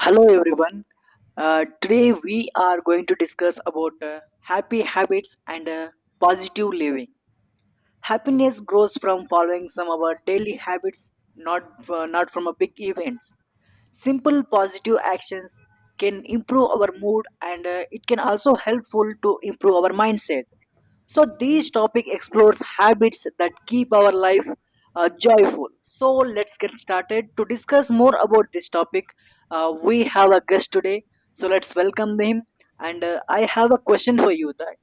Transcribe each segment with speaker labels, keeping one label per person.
Speaker 1: Hello everyone. Today we are going to discuss about happy habits and positive living. Happiness grows from following some of our daily habits, not from a big events, simple positive actions can improve our mood and it can also helpful to improve our mindset, so this topic explores habits that keep our life joyful. So let's get started to discuss more about this topic. We have a guest today, so let's welcome him. And I have a question for you that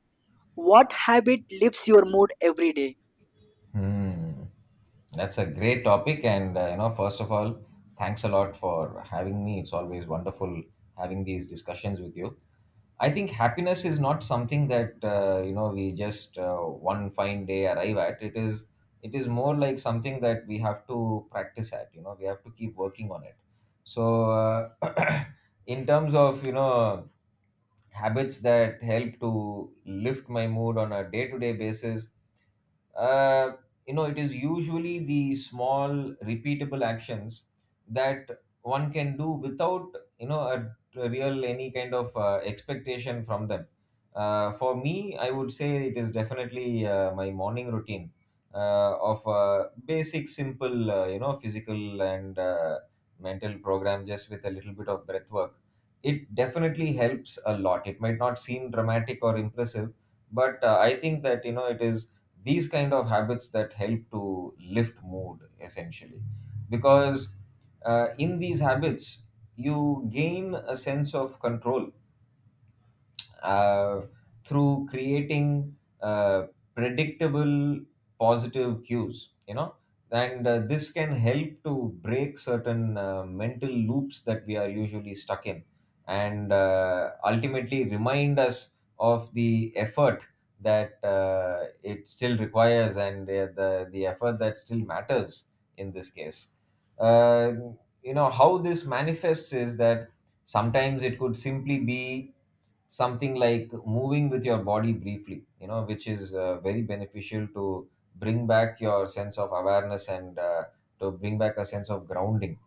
Speaker 1: what habit lifts your mood every day?
Speaker 2: Hmm. That's a great topic, and first of all, thanks a lot for having me. It's always wonderful having these discussions with you. I think happiness is not something that we just one fine day arrive at. It is more like something that we have to practice at. We have to keep working on it. So, in terms of habits that help to lift my mood on a day to day basis. Uh, it is usually the small repeatable actions that one can do without you know a, a real any kind of expectation from them. For me, I would say it is definitely my morning routine of basic simple, physical and mental program, just with a little bit of breath work. It definitely helps a lot. It might not seem dramatic or impressive, but I think that it is these kind of habits that help to lift mood essentially, because in these habits you gain a sense of control uh, through creating predictable positive cues, and this can help to break certain mental loops that we are usually stuck in, and ultimately remind us of the effort that it still requires, and the effort that still matters in this case. Uh, you know how this manifests is that sometimes it could simply be something like moving with your body briefly, which is very beneficial to bring back your sense of awareness, and to bring back a sense of grounding.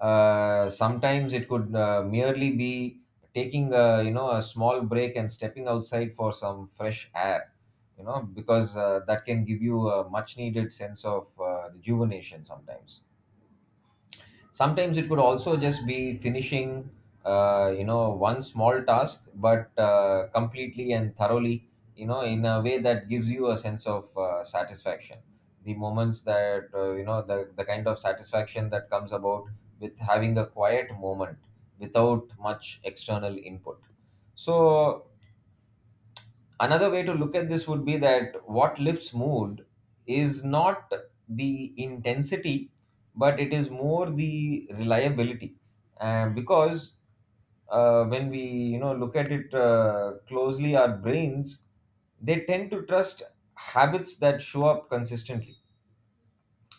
Speaker 2: Sometimes it could merely be taking a, you know a small break and stepping outside for some fresh air, because that can give you a much needed sense of rejuvenation sometimes. Sometimes it could also just be finishing one small task, but completely and thoroughly, in a way that gives you a sense of satisfaction, the moments that the kind of satisfaction that comes about with having a quiet moment, without much external input. So another way to look at this would be that what lifts mood is not the intensity, but it is more the reliability. And because when we look at it closely, our brains, they tend to trust habits that show up consistently.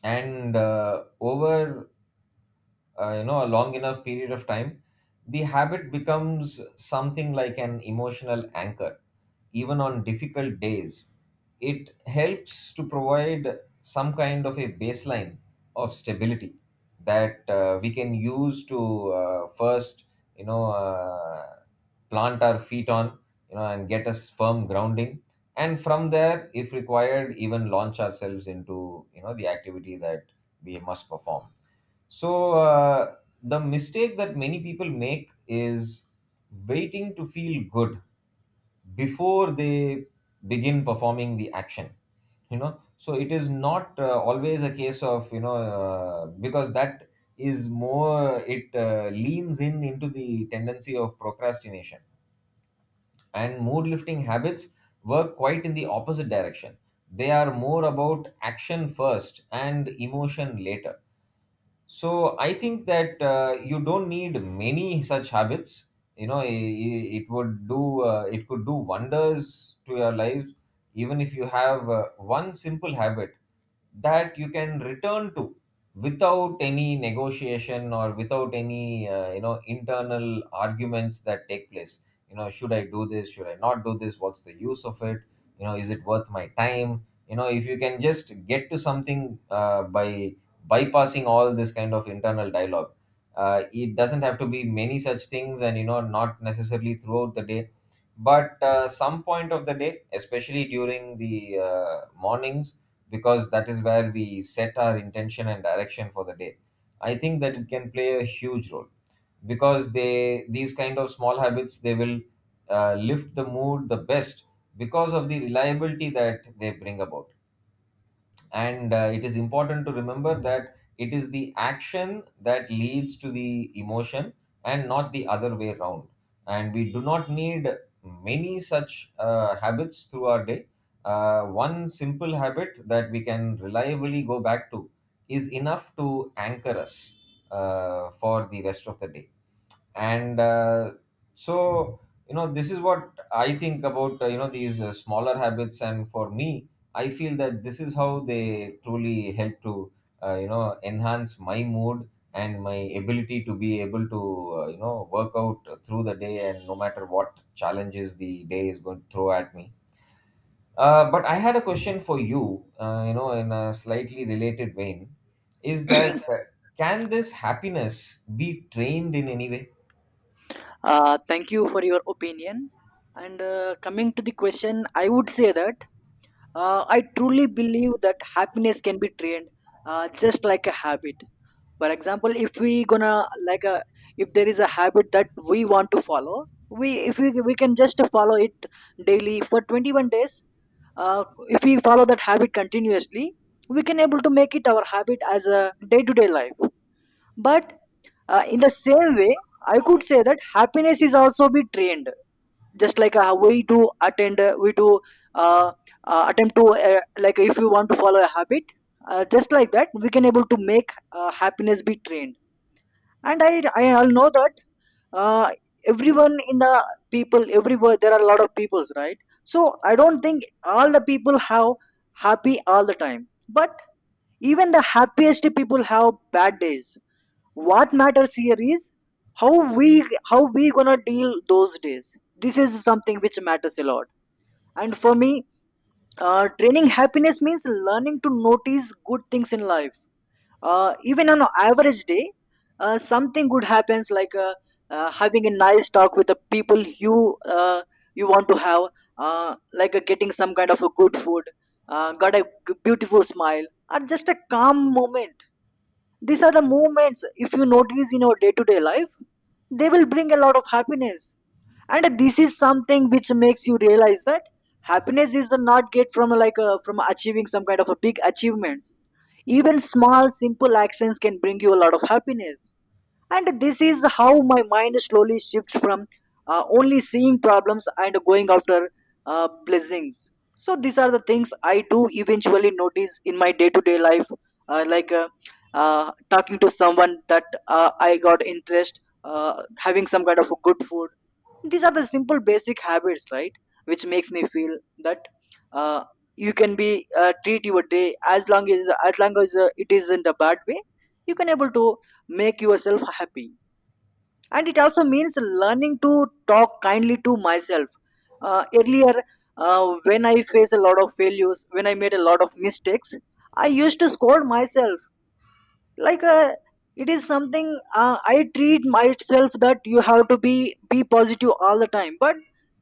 Speaker 2: And over a long enough period of time, the habit becomes something like an emotional anchor, even on difficult days. It helps to provide some kind of a baseline of stability that we can use to first, you know uh, plant our feet on, and get us firm grounding. And from there, if required, even launch ourselves into the activity that we must perform. So, the mistake that many people make is waiting to feel good before they begin performing the action. So, it is not always a case of, because that is more, it leans in into the tendency of procrastination. And mood lifting habits work quite in the opposite direction. They are more about action first and emotion later. So I think that you don't need many such habits. It could do wonders to your life, even if you have one simple habit that you can return to without any negotiation, or without any internal arguments that take place. Should I do this, should I not do this, what's the use of it, is it worth my time, if you can just get to something by bypassing all this kind of internal dialogue. It doesn't have to be many such things, and not necessarily throughout the day, but some point of the day, especially during the mornings, because that is where we set our intention and direction for the day. I think that it can play a huge role, because they, these kind of small habits, they will lift the mood the best, because of the reliability that they bring about. And it is important to remember that it is the action that leads to the emotion, and not the other way around. And we do not need many such habits through our day. One simple habit that we can reliably go back to is enough to anchor us for the rest of the day. And, so this is what I think about these smaller habits. And for me, I feel that this is how they truly help to enhance my mood and my ability to be able to work out through the day, and no matter what challenges the day is going to throw at me. But I had a question for you, you know in a slightly related vein. Is that, can this happiness be trained in any way?
Speaker 1: Thank you for your opinion. And coming to the question, I would say that I truly believe that happiness can be trained, just like a habit. For example, if we gonna like a, if there is a habit that we want to follow, we if we we can just follow it daily for 21 days. If we follow that habit continuously, we can able to make it our habit as a day to day life. But in the same way, I could say that happiness is also be trained, just like we do uh, attempt to like if you want to follow a habit, just like that we can able to make happiness be trained. And I all know that uh, everyone in the, people everywhere, there are a lot of peoples, right? So I don't think all the people have happy all the time, but even the happiest people have bad days. What matters here is how we, how we gonna deal those days. This is something which matters a lot. And for me, training happiness means learning to notice good things in life, even on an average day. Something good happens like having a nice talk with the people you you want to have, like getting some kind of a good food, got a beautiful smile or just a calm moment. These are the moments, if you notice in your day-to-day life, they will bring a lot of happiness. And this is something which makes you realize that happiness is not get from like a, from achieving some kind of a big achievements. Even small simple actions can bring you a lot of happiness. And this is how my mind slowly shifts from only seeing problems and going after blessings. So these are the things I do eventually notice in my day to day life, like talking to someone that I got interest, having some kind of a good food. These are the simple basic habits, right? Which makes me feel that uh, you can be treat your day as long as long as it is in the bad way, you can able to make yourself happy. And it also means learning to talk kindly to myself. Earlier, when I faced a lot of failures, when I made a lot of mistakes, I used to scold myself, like it is something I treat myself that you have to be positive all the time, but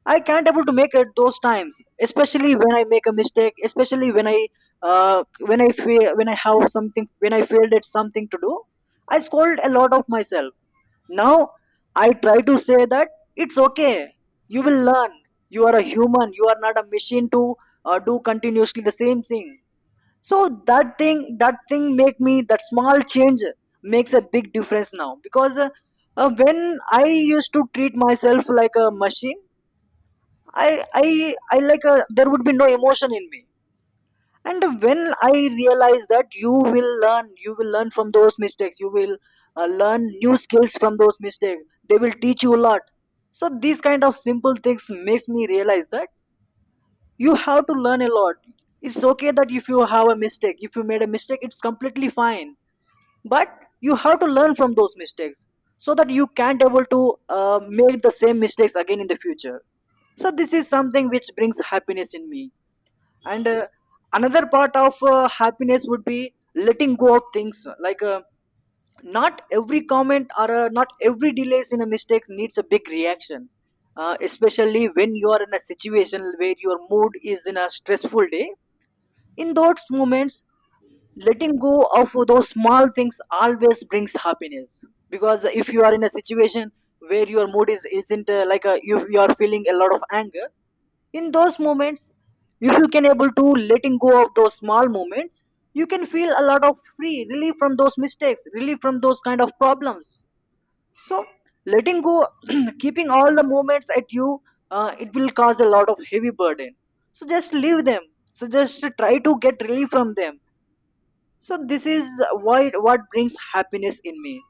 Speaker 1: I can't able to make it those times, especially when I make a mistake, especially when I when I fail, when I have something, when I failed at something to do, I scold a lot of myself. Now I try to say that it's okay, you will learn, you are a human, you are not a machine to do continuously the same thing. So that thing make me, that small change makes a big difference now. Because when I used to treat myself like a machine, I like a, there would be no emotion in me. And when I realize that you will learn, you will learn from those mistakes, you will learn new skills from those mistakes, they will teach you a lot. So these kind of simple things makes me realize that you have to learn a lot. It's okay that if you have a mistake, if you made a mistake, it's completely fine. But you have to learn from those mistakes so that you can't able to make the same mistakes again in the future. So this is something which brings happiness in me. And another part of happiness would be letting go of things, like not every comment or not every delays in a mistake needs a big reaction. Especially when you are in a situation where your mood is in a stressful day, in those moments, letting go of those small things always brings happiness. Because if you are in a situation where your mood is isn't like uh, you are feeling a lot of anger, in those moments, if you can able to letting go of those small moments, you can feel a lot of free, relief from those mistakes, relief from those kind of problems. So letting go, keeping all the moments at you, it will cause a lot of heavy burden. So just leave them, so just try to get relief from them. So this is what brings happiness in me.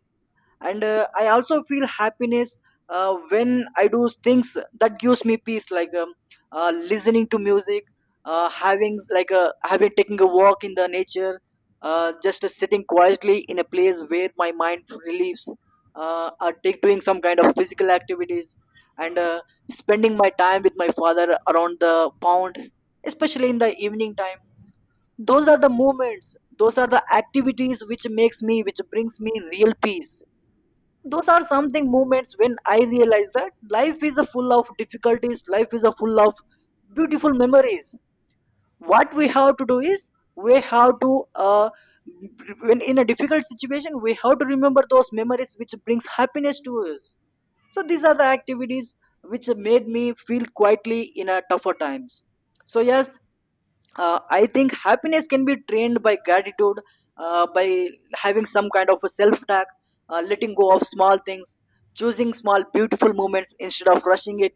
Speaker 1: And I also feel happiness when I do things that gives me peace, like listening to music, having like having, taking a walk in the nature, just sitting quietly in a place where my mind relieves, or take, doing some kind of physical activities. And spending my time with my father around the pond, especially in the evening time. Those are the moments, those are the activities which makes me, which brings me real peace. Those are something moments when I realize that life is a full of difficulties, life is a full of beautiful memories. What we have to do is, we have to when in a difficult situation, we have to remember those memories which brings happiness to us. So these are the activities which made me feel quietly in a tougher times. So yes, I think happiness can be trained by gratitude, by having some kind of a self talk, letting go of small things, choosing small beautiful moments instead of rushing it.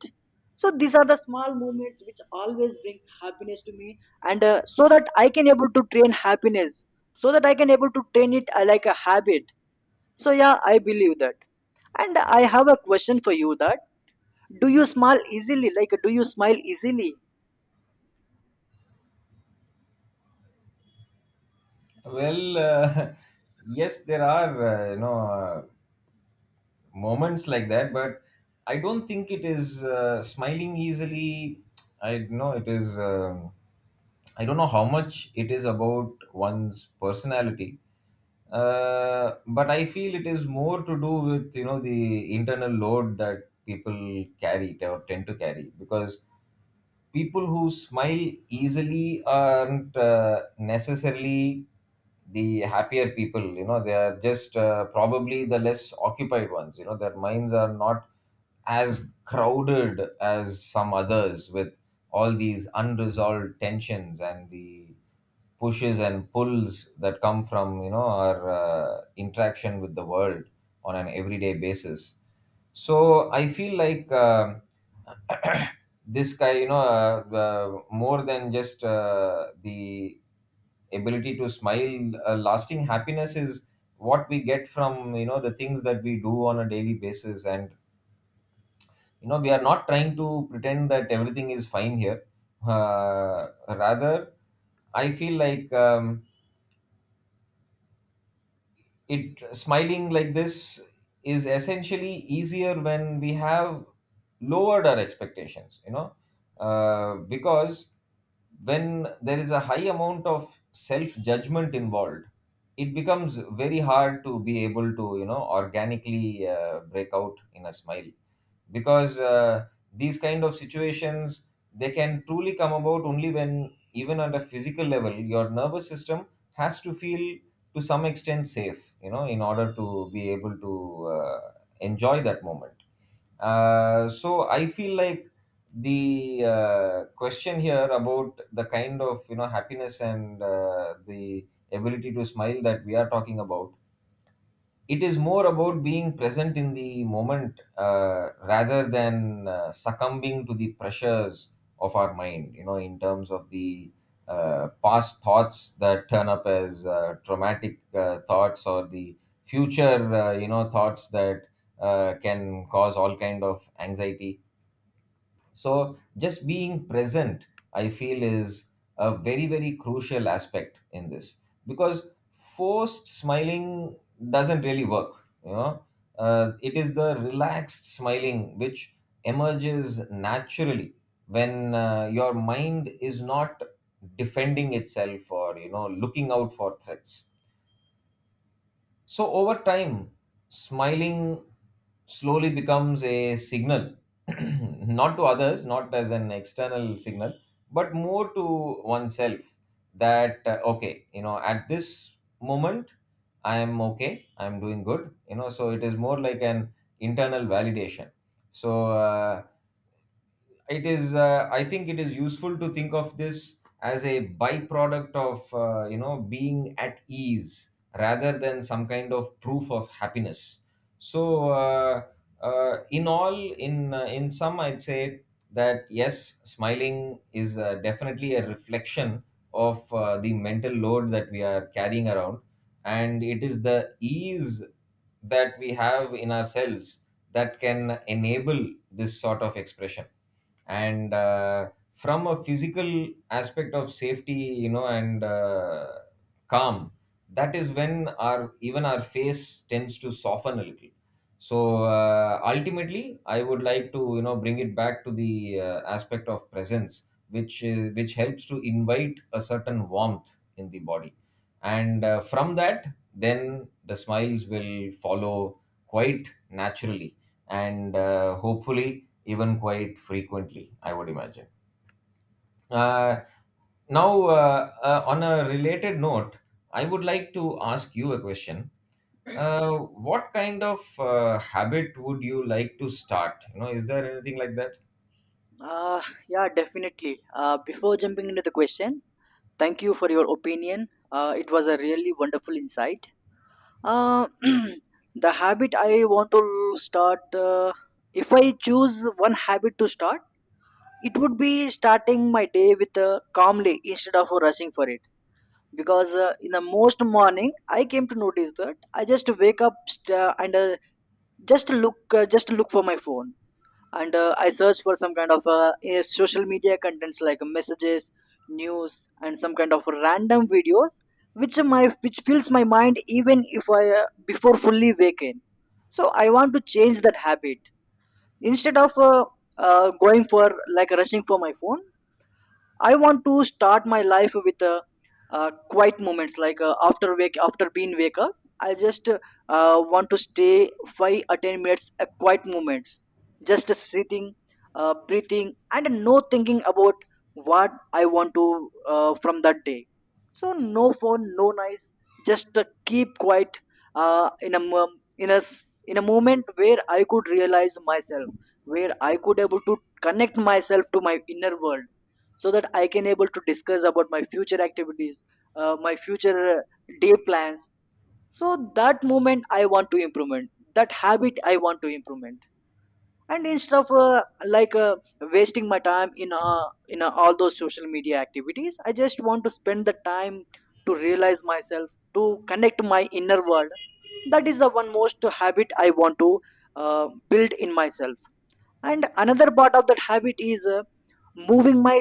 Speaker 1: So these are the small moments which always brings happiness to me. And so that I can able to train happiness, so that I can able to train it like a habit. So yeah, I believe that. And I have a question for you that, do you smile easily, like do you smile easily?
Speaker 2: Well, yes, there are moments like that, but I don't think it is smiling easily. I know it is. I don't know how much it is about one's personality, but I feel it is more to do with the internal load that people carry or tend to carry, because people who smile easily aren't necessarily the happier people. They are just probably the less occupied ones. Their minds are not as crowded as some others, with all these unresolved tensions and the pushes and pulls that come from our interaction with the world on an everyday basis. So I feel like this guy, more than just the ability to smile, lasting happiness is what we get from the things that we do on a daily basis. And we are not trying to pretend that everything is fine here. Uh, rather i feel like, it smiling like this is essentially easier when we have lowered our expectations, because when there is a high amount of self judgment involved, it becomes very hard to be able to organically break out in a smile, because these kind of situations, they can truly come about only when, even at a physical level, your nervous system has to feel, to some extent, safe, in order to be able to enjoy that moment. So I feel like the question here about the kind of happiness and the ability to smile that we are talking about, it is more about being present in the moment, rather than succumbing to the pressures of our mind, in terms of the past thoughts that turn up as traumatic thoughts, or the future thoughts that can cause all kind of anxiety. So just being present, I feel, is a very, very crucial aspect in this, because forced smiling doesn't really work. You know, it is the relaxed smiling which emerges naturally when your mind is not defending itself, or looking out for threats. So over time, smiling slowly becomes a signal, not to others, not as an external signal, but more to oneself that, okay, at this moment, I am okay, I am doing good, so it is more like an internal validation. So, it is I think it is useful to think of this as a byproduct of being at ease, rather than some kind of proof of happiness. So, in all in sum, I'd say that yes, smiling is definitely a reflection of the mental load that we are carrying around, and it is the ease that we have in ourselves that can enable this sort of expression. And from a physical aspect of safety, and calm, that is when our, even our face tends to soften a little. So, ultimately I would like to bring it back to the aspect of presence, which which helps to invite a certain warmth in the body. And from that, then the smiles will follow quite naturally, and hopefully, even quite frequently, I would imagine. Uh, now, on a related note, I would like to ask you a question. What kind of habit would you like to start? Is there anything like that?
Speaker 1: Uh, yeah, definitely. Before jumping into the question, thank you for your opinion. It was a really wonderful insight. Uh, the habit I want to start, if I choose one habit to start, it would be starting my day with calmly instead of rushing for it. Because in the most morning, I came to notice that I just wake up and just look for my phone. And I searched for some kind of social media contents like messages, news and some kind of random videos, which my, which fills my mind even if I before fully waken. So I want to change that habit. Instead of going for, like rushing for my phone, I want to start my life with quiet moments, like after wake, after being wake up, I just want to stay 5 or 10 minutes a quiet moments, just sitting, breathing, and no thinking about what I want to from that day. So no phone, no noise, just keep quiet in a moment where I could realize myself, where I could able to connect myself to my inner world so that I can able to discuss about my future activities, my future day plans. So that moment I want to improvement that habit, I want to improvement. And instead of wasting my time in all those social media activities, I just want to spend the time to realize myself, to connect my inner world. That is the one most habit I want to uh, build in myself. And another part of that habit is, moving my,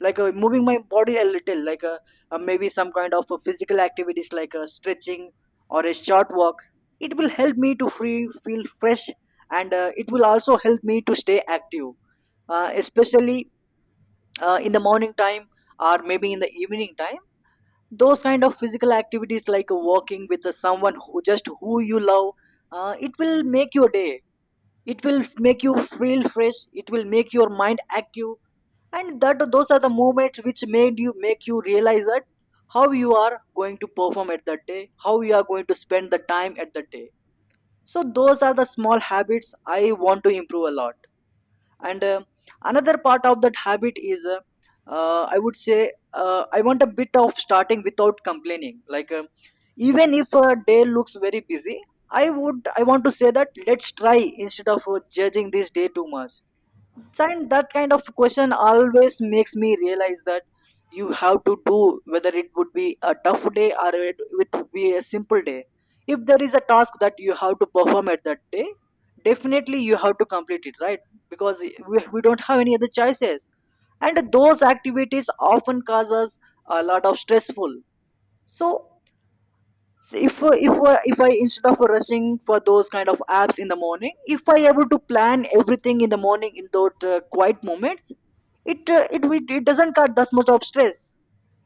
Speaker 1: moving my body a little, maybe some kind of physical activities like stretching or a short walk. It will help me to free feel fresh, and it will also help me to stay active, especially in the morning time or maybe in the evening time. Those kind of physical activities like walking with someone who just who you love, it will make your day, it will make you feel fresh, it will make your mind active. And that those are the moments which made you make you realize that how you are going to perform at that day, how you are going to spend the time at that day. So those are the small habits I want to improve a lot. And another part of that habit is I would say, I want a bit of starting without complaining. Even if a day looks very busy, I would I want to say that let's try, instead of judging this day too much. And that kind of question always makes me realize that you have to do, whether it would be a tough day or it would be a simple day. If there is a task that you have to perform at that day, definitely you have to complete it, right? Because we don't have any other choices, and those activities often cause us a lot of stressful. So so if if I, instead of rushing for those kind of apps in the morning, if I able to plan everything in the morning in those quiet moments, it doesn't cut that much of stress.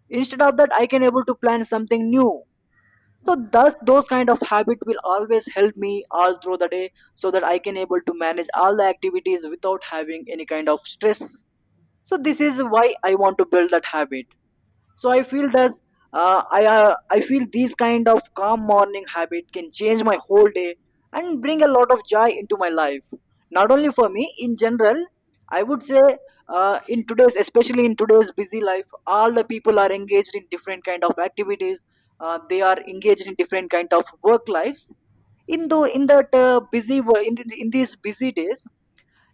Speaker 1: Instead of that, I can able to plan something new. So thus those kind of habit will always help me all through the day, so that I can able to manage all the activities without having any kind of stress. So this is why I want to build that habit. So I feel thus, I feel these kind of calm morning habit can change my whole day and bring a lot of joy into my life. Not only for me, in general, I would say in today's, especially in today's busy life, all the people are engaged in different kind of activities. They are engaged in different kind of work lives. In though in that busy wo- in, the, In these busy days,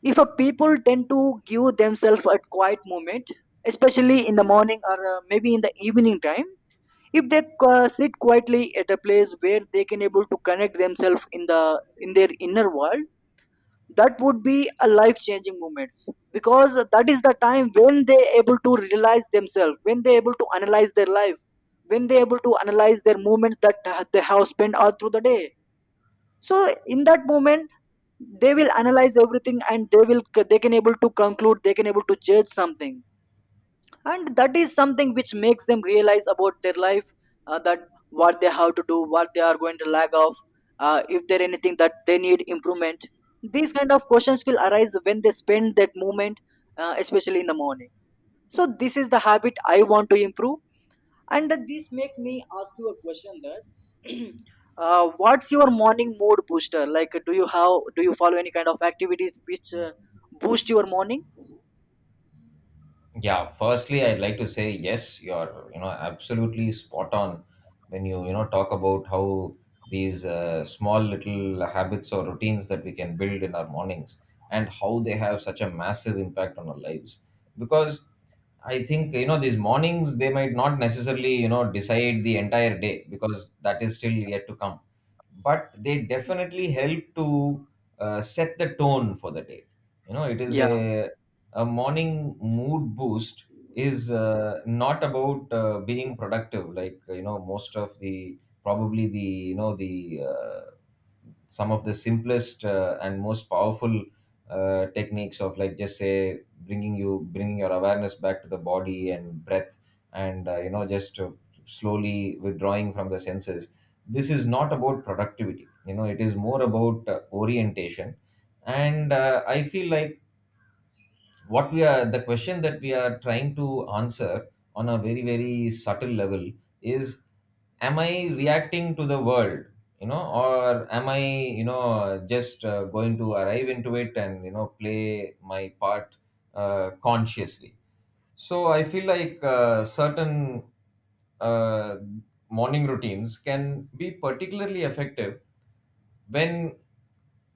Speaker 1: if a people tend to give themselves a quiet moment, especially in the morning or maybe in the evening time, if they sit quietly at a place where they can able to connect themselves in the in their inner world, that would be a life changing moments, because that is the time when they able to realize themselves, when they able to analyze their life, when they able to analyze their moment that they have spent all through the day. So in that moment they will analyze everything, and they will they can able to conclude, they can able to judge something. And that is something which makes them realize about their life, that what they have to do, what they are going to lag off, if there anything that they need improvement. These kind of questions will arise when they spend that moment, especially in the morning. So this is the habit I want to improve, and this make me ask you a question. Uh, what's your morning mood booster? Like, do you have do you follow any kind of activities which boost your morning?
Speaker 2: Yeah, firstly, I'd like to say yes, you're absolutely spot on when you know talk about how these small little habits or routines that we can build in our mornings, and how they have such a massive impact on our lives. Because I think these mornings, they might not necessarily decide the entire day because that is still yet to come, but they definitely help to set the tone for the day. You know, it is
Speaker 1: Yeah.
Speaker 2: a morning mood boost, is not about being productive. Like most of the, probably the, the some of the simplest and most powerful techniques of, like, just say bringing you bringing your awareness back to the body and breath, and just slowly withdrawing from the senses. This is not about productivity. You know, it is more about orientation. And I feel like what we are the question that we are trying to answer on a very, very subtle level is, am I reacting to the world, you know, or am I, just going to arrive into it and, you know, play my part consciously. So I feel like certain uh, morning routines can be particularly effective when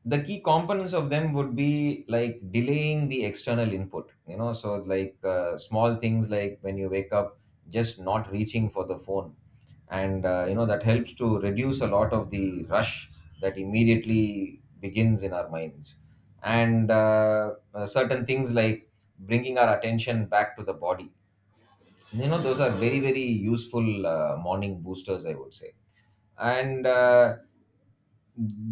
Speaker 2: the key components of them would be, like, delaying the external input. You know, so like small things, like when you wake up, just not reaching for the phone. And that helps to reduce a lot of the rush that immediately begins in our minds. And certain things like bringing our attention back to the body. You know, those are very, very useful morning boosters, I would say. And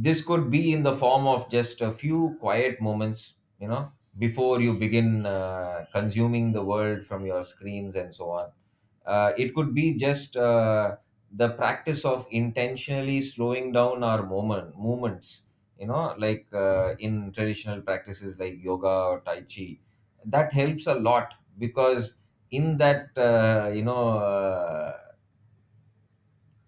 Speaker 2: this could be in the form of just a few quiet moments, you know, before you begin consuming the world from your screens and so on. It could be just the practice of intentionally slowing down our moment movements, you know, like in traditional practices like yoga or tai chi. That helps a lot, because in that, uh, you know uh,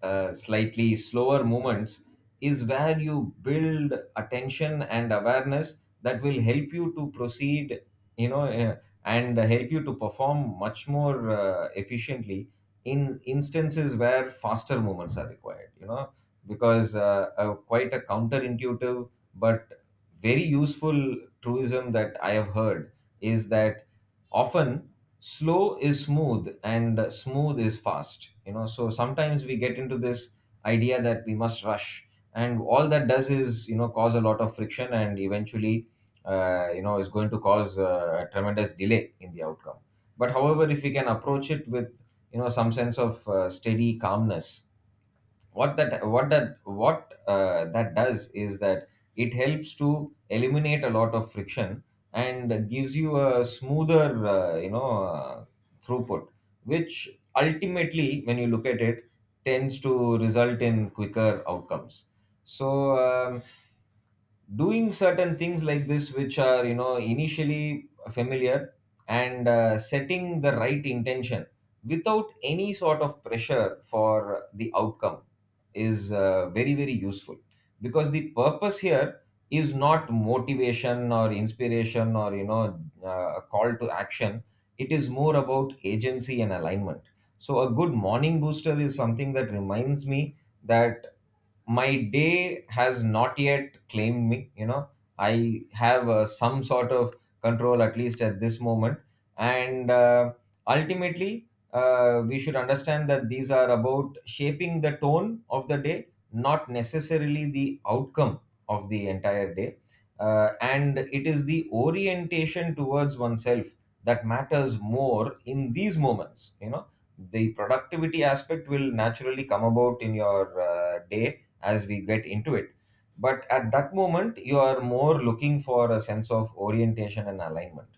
Speaker 2: uh, slightly slower movements is where you build attention and awareness that will help you to proceed, you know uh, and help you to perform much more efficiently in instances where faster movements are required. You know, because quite a counterintuitive but very useful truism that I have heard is that, often, slow is smooth and smooth is fast. You know, so sometimes we get into this idea that we must rush, and all that does is, you know, cause a lot of friction, and eventually is going to cause a tremendous delay in the outcome. But however, if we can approach it with, you know, some sense of steady calmness, what that does is that it helps to eliminate a lot of friction and gives you a smoother throughput, which, ultimately, when you look at it, tends to result in quicker outcomes. So um, doing certain things like this, which are, you know, initially familiar, and setting the right intention without any sort of pressure for the outcome, is very, very useful. Because the purpose here is not motivation or inspiration or, you know, a call to action. It is more about agency and alignment. So a good morning booster is something that reminds me that my day has not yet claimed me. You know, I have some sort of control, at least at this moment. And ultimately, we should understand that these are about shaping the tone of the day, not necessarily the outcome of the entire day. And it is the orientation towards oneself that matters more in these moments. You know, the productivity aspect will naturally come about in your day as we get into it. But at that moment, you are more looking for a sense of orientation and alignment.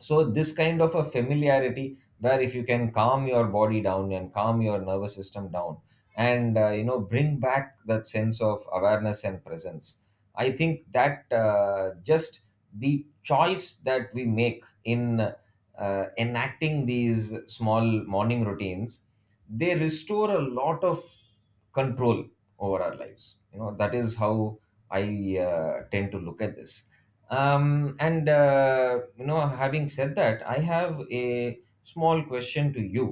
Speaker 2: So this kind of a familiarity, where if you can calm your body down and calm your nervous system down and bring back that sense of awareness and presence, I think that just the choice that we make in enacting these small morning routines, they restore a lot of control over our lives. You know, that is how I tend to look at this. And having said that, I have a small question to you.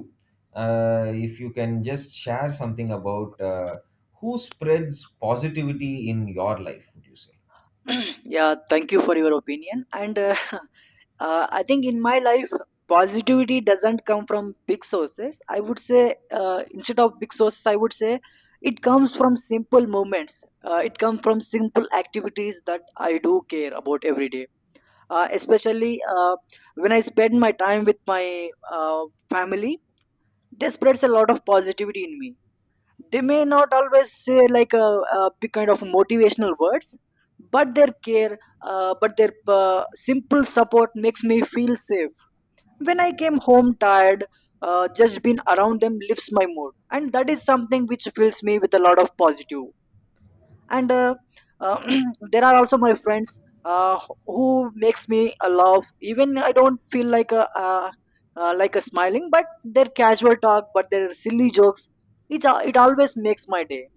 Speaker 2: If you can just share something about, who spreads positivity in your life, would you say?
Speaker 1: Yeah, thank you for your opinion. And I think in my life, positivity doesn't come from big sources. I would say, instead of big sources, I would say it comes from simple moments. It comes from simple activities that I do care about every day. Especially When I spend my time with my uh, family, they spreads a lot of positivity in me. They may not always say a big kind of motivational words, but their care, but their simple support makes me feel safe. When I came home tired, just being around them lifts my mood, and that is something which fills me with a lot of positive. And uh, there are also my friends, who makes me laugh even I don't feel like a smiling. But their casual talk, but their silly jokes, it always makes my day.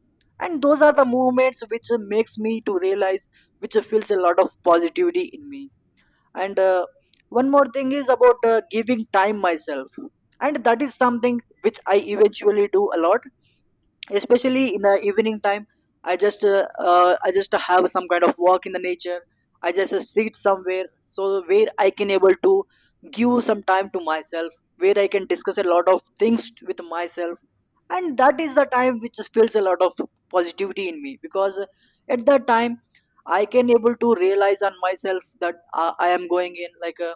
Speaker 1: And those are the moments which makes me to realize, which feels a lot of positivity in me. And one more thing is about giving time myself, and that is something which I eventually do a lot, especially in the evening time. I just I just have some kind of walk in the nature. I just sit somewhere so where I can able to give some time to myself, where I can discuss a lot of things with myself. And that is the time which feels a lot of positivity in me, because at that time I can able to realize on myself that I am going in like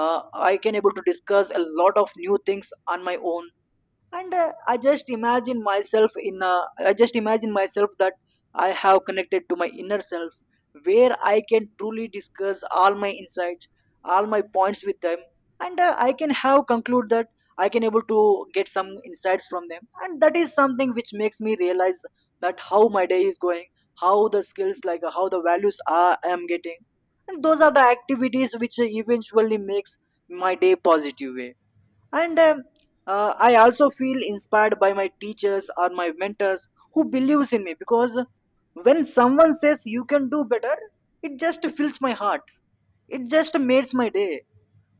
Speaker 1: uh, I can able to discuss a lot of new things on my own. And I just imagine myself I just imagine myself that I have connected to my inner self, where I can truly discuss all my insights, all my points with them. And I can have conclude that I can able to get some insights from them, and that is something which makes me realize that how my day is going, how the skills how the values are I am getting. And those are the activities which eventually makes my day positive way. And I also feel inspired by my teachers or my mentors who believes in me, because when someone says you can do better, it just fills my heart, it just makes my day.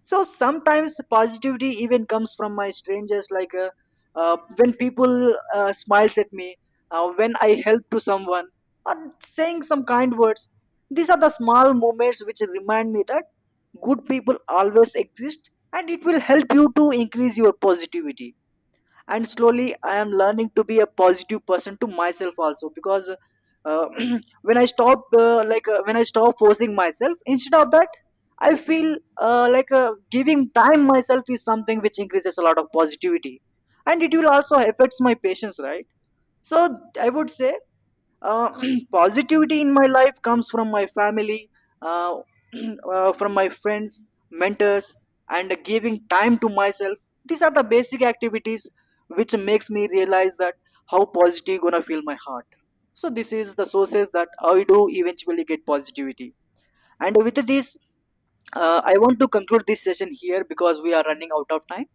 Speaker 1: So sometimes positivity even comes from my strangers, when people smiles at me, when I help to someone, or saying some kind words. These are the small moments which remind me that good people always exist, and it will help you to increase your positivity. And slowly I am learning to be a positive person to myself also, because uh, when I stop when I stop forcing myself, instead of that I feel giving time myself is something which increases a lot of positivity, and it will also affects my patience, right? So I would say, uh, positivity in my life comes from my family, uh, from my friends mentors, and giving time to myself. These are the basic activities which makes me realize that how positive gonna feel my heart. So this is the sources that I do eventually get positivity. And with this, I want to conclude this session here because we are running out of time.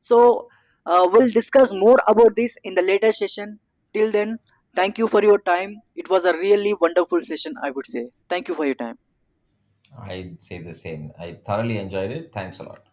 Speaker 1: So we'll discuss more about this in the later session. Till then, thank you for your time. It was a really wonderful session, I would say. Thank you for your time.
Speaker 2: I'd say the same. I thoroughly enjoyed it. Thanks a lot.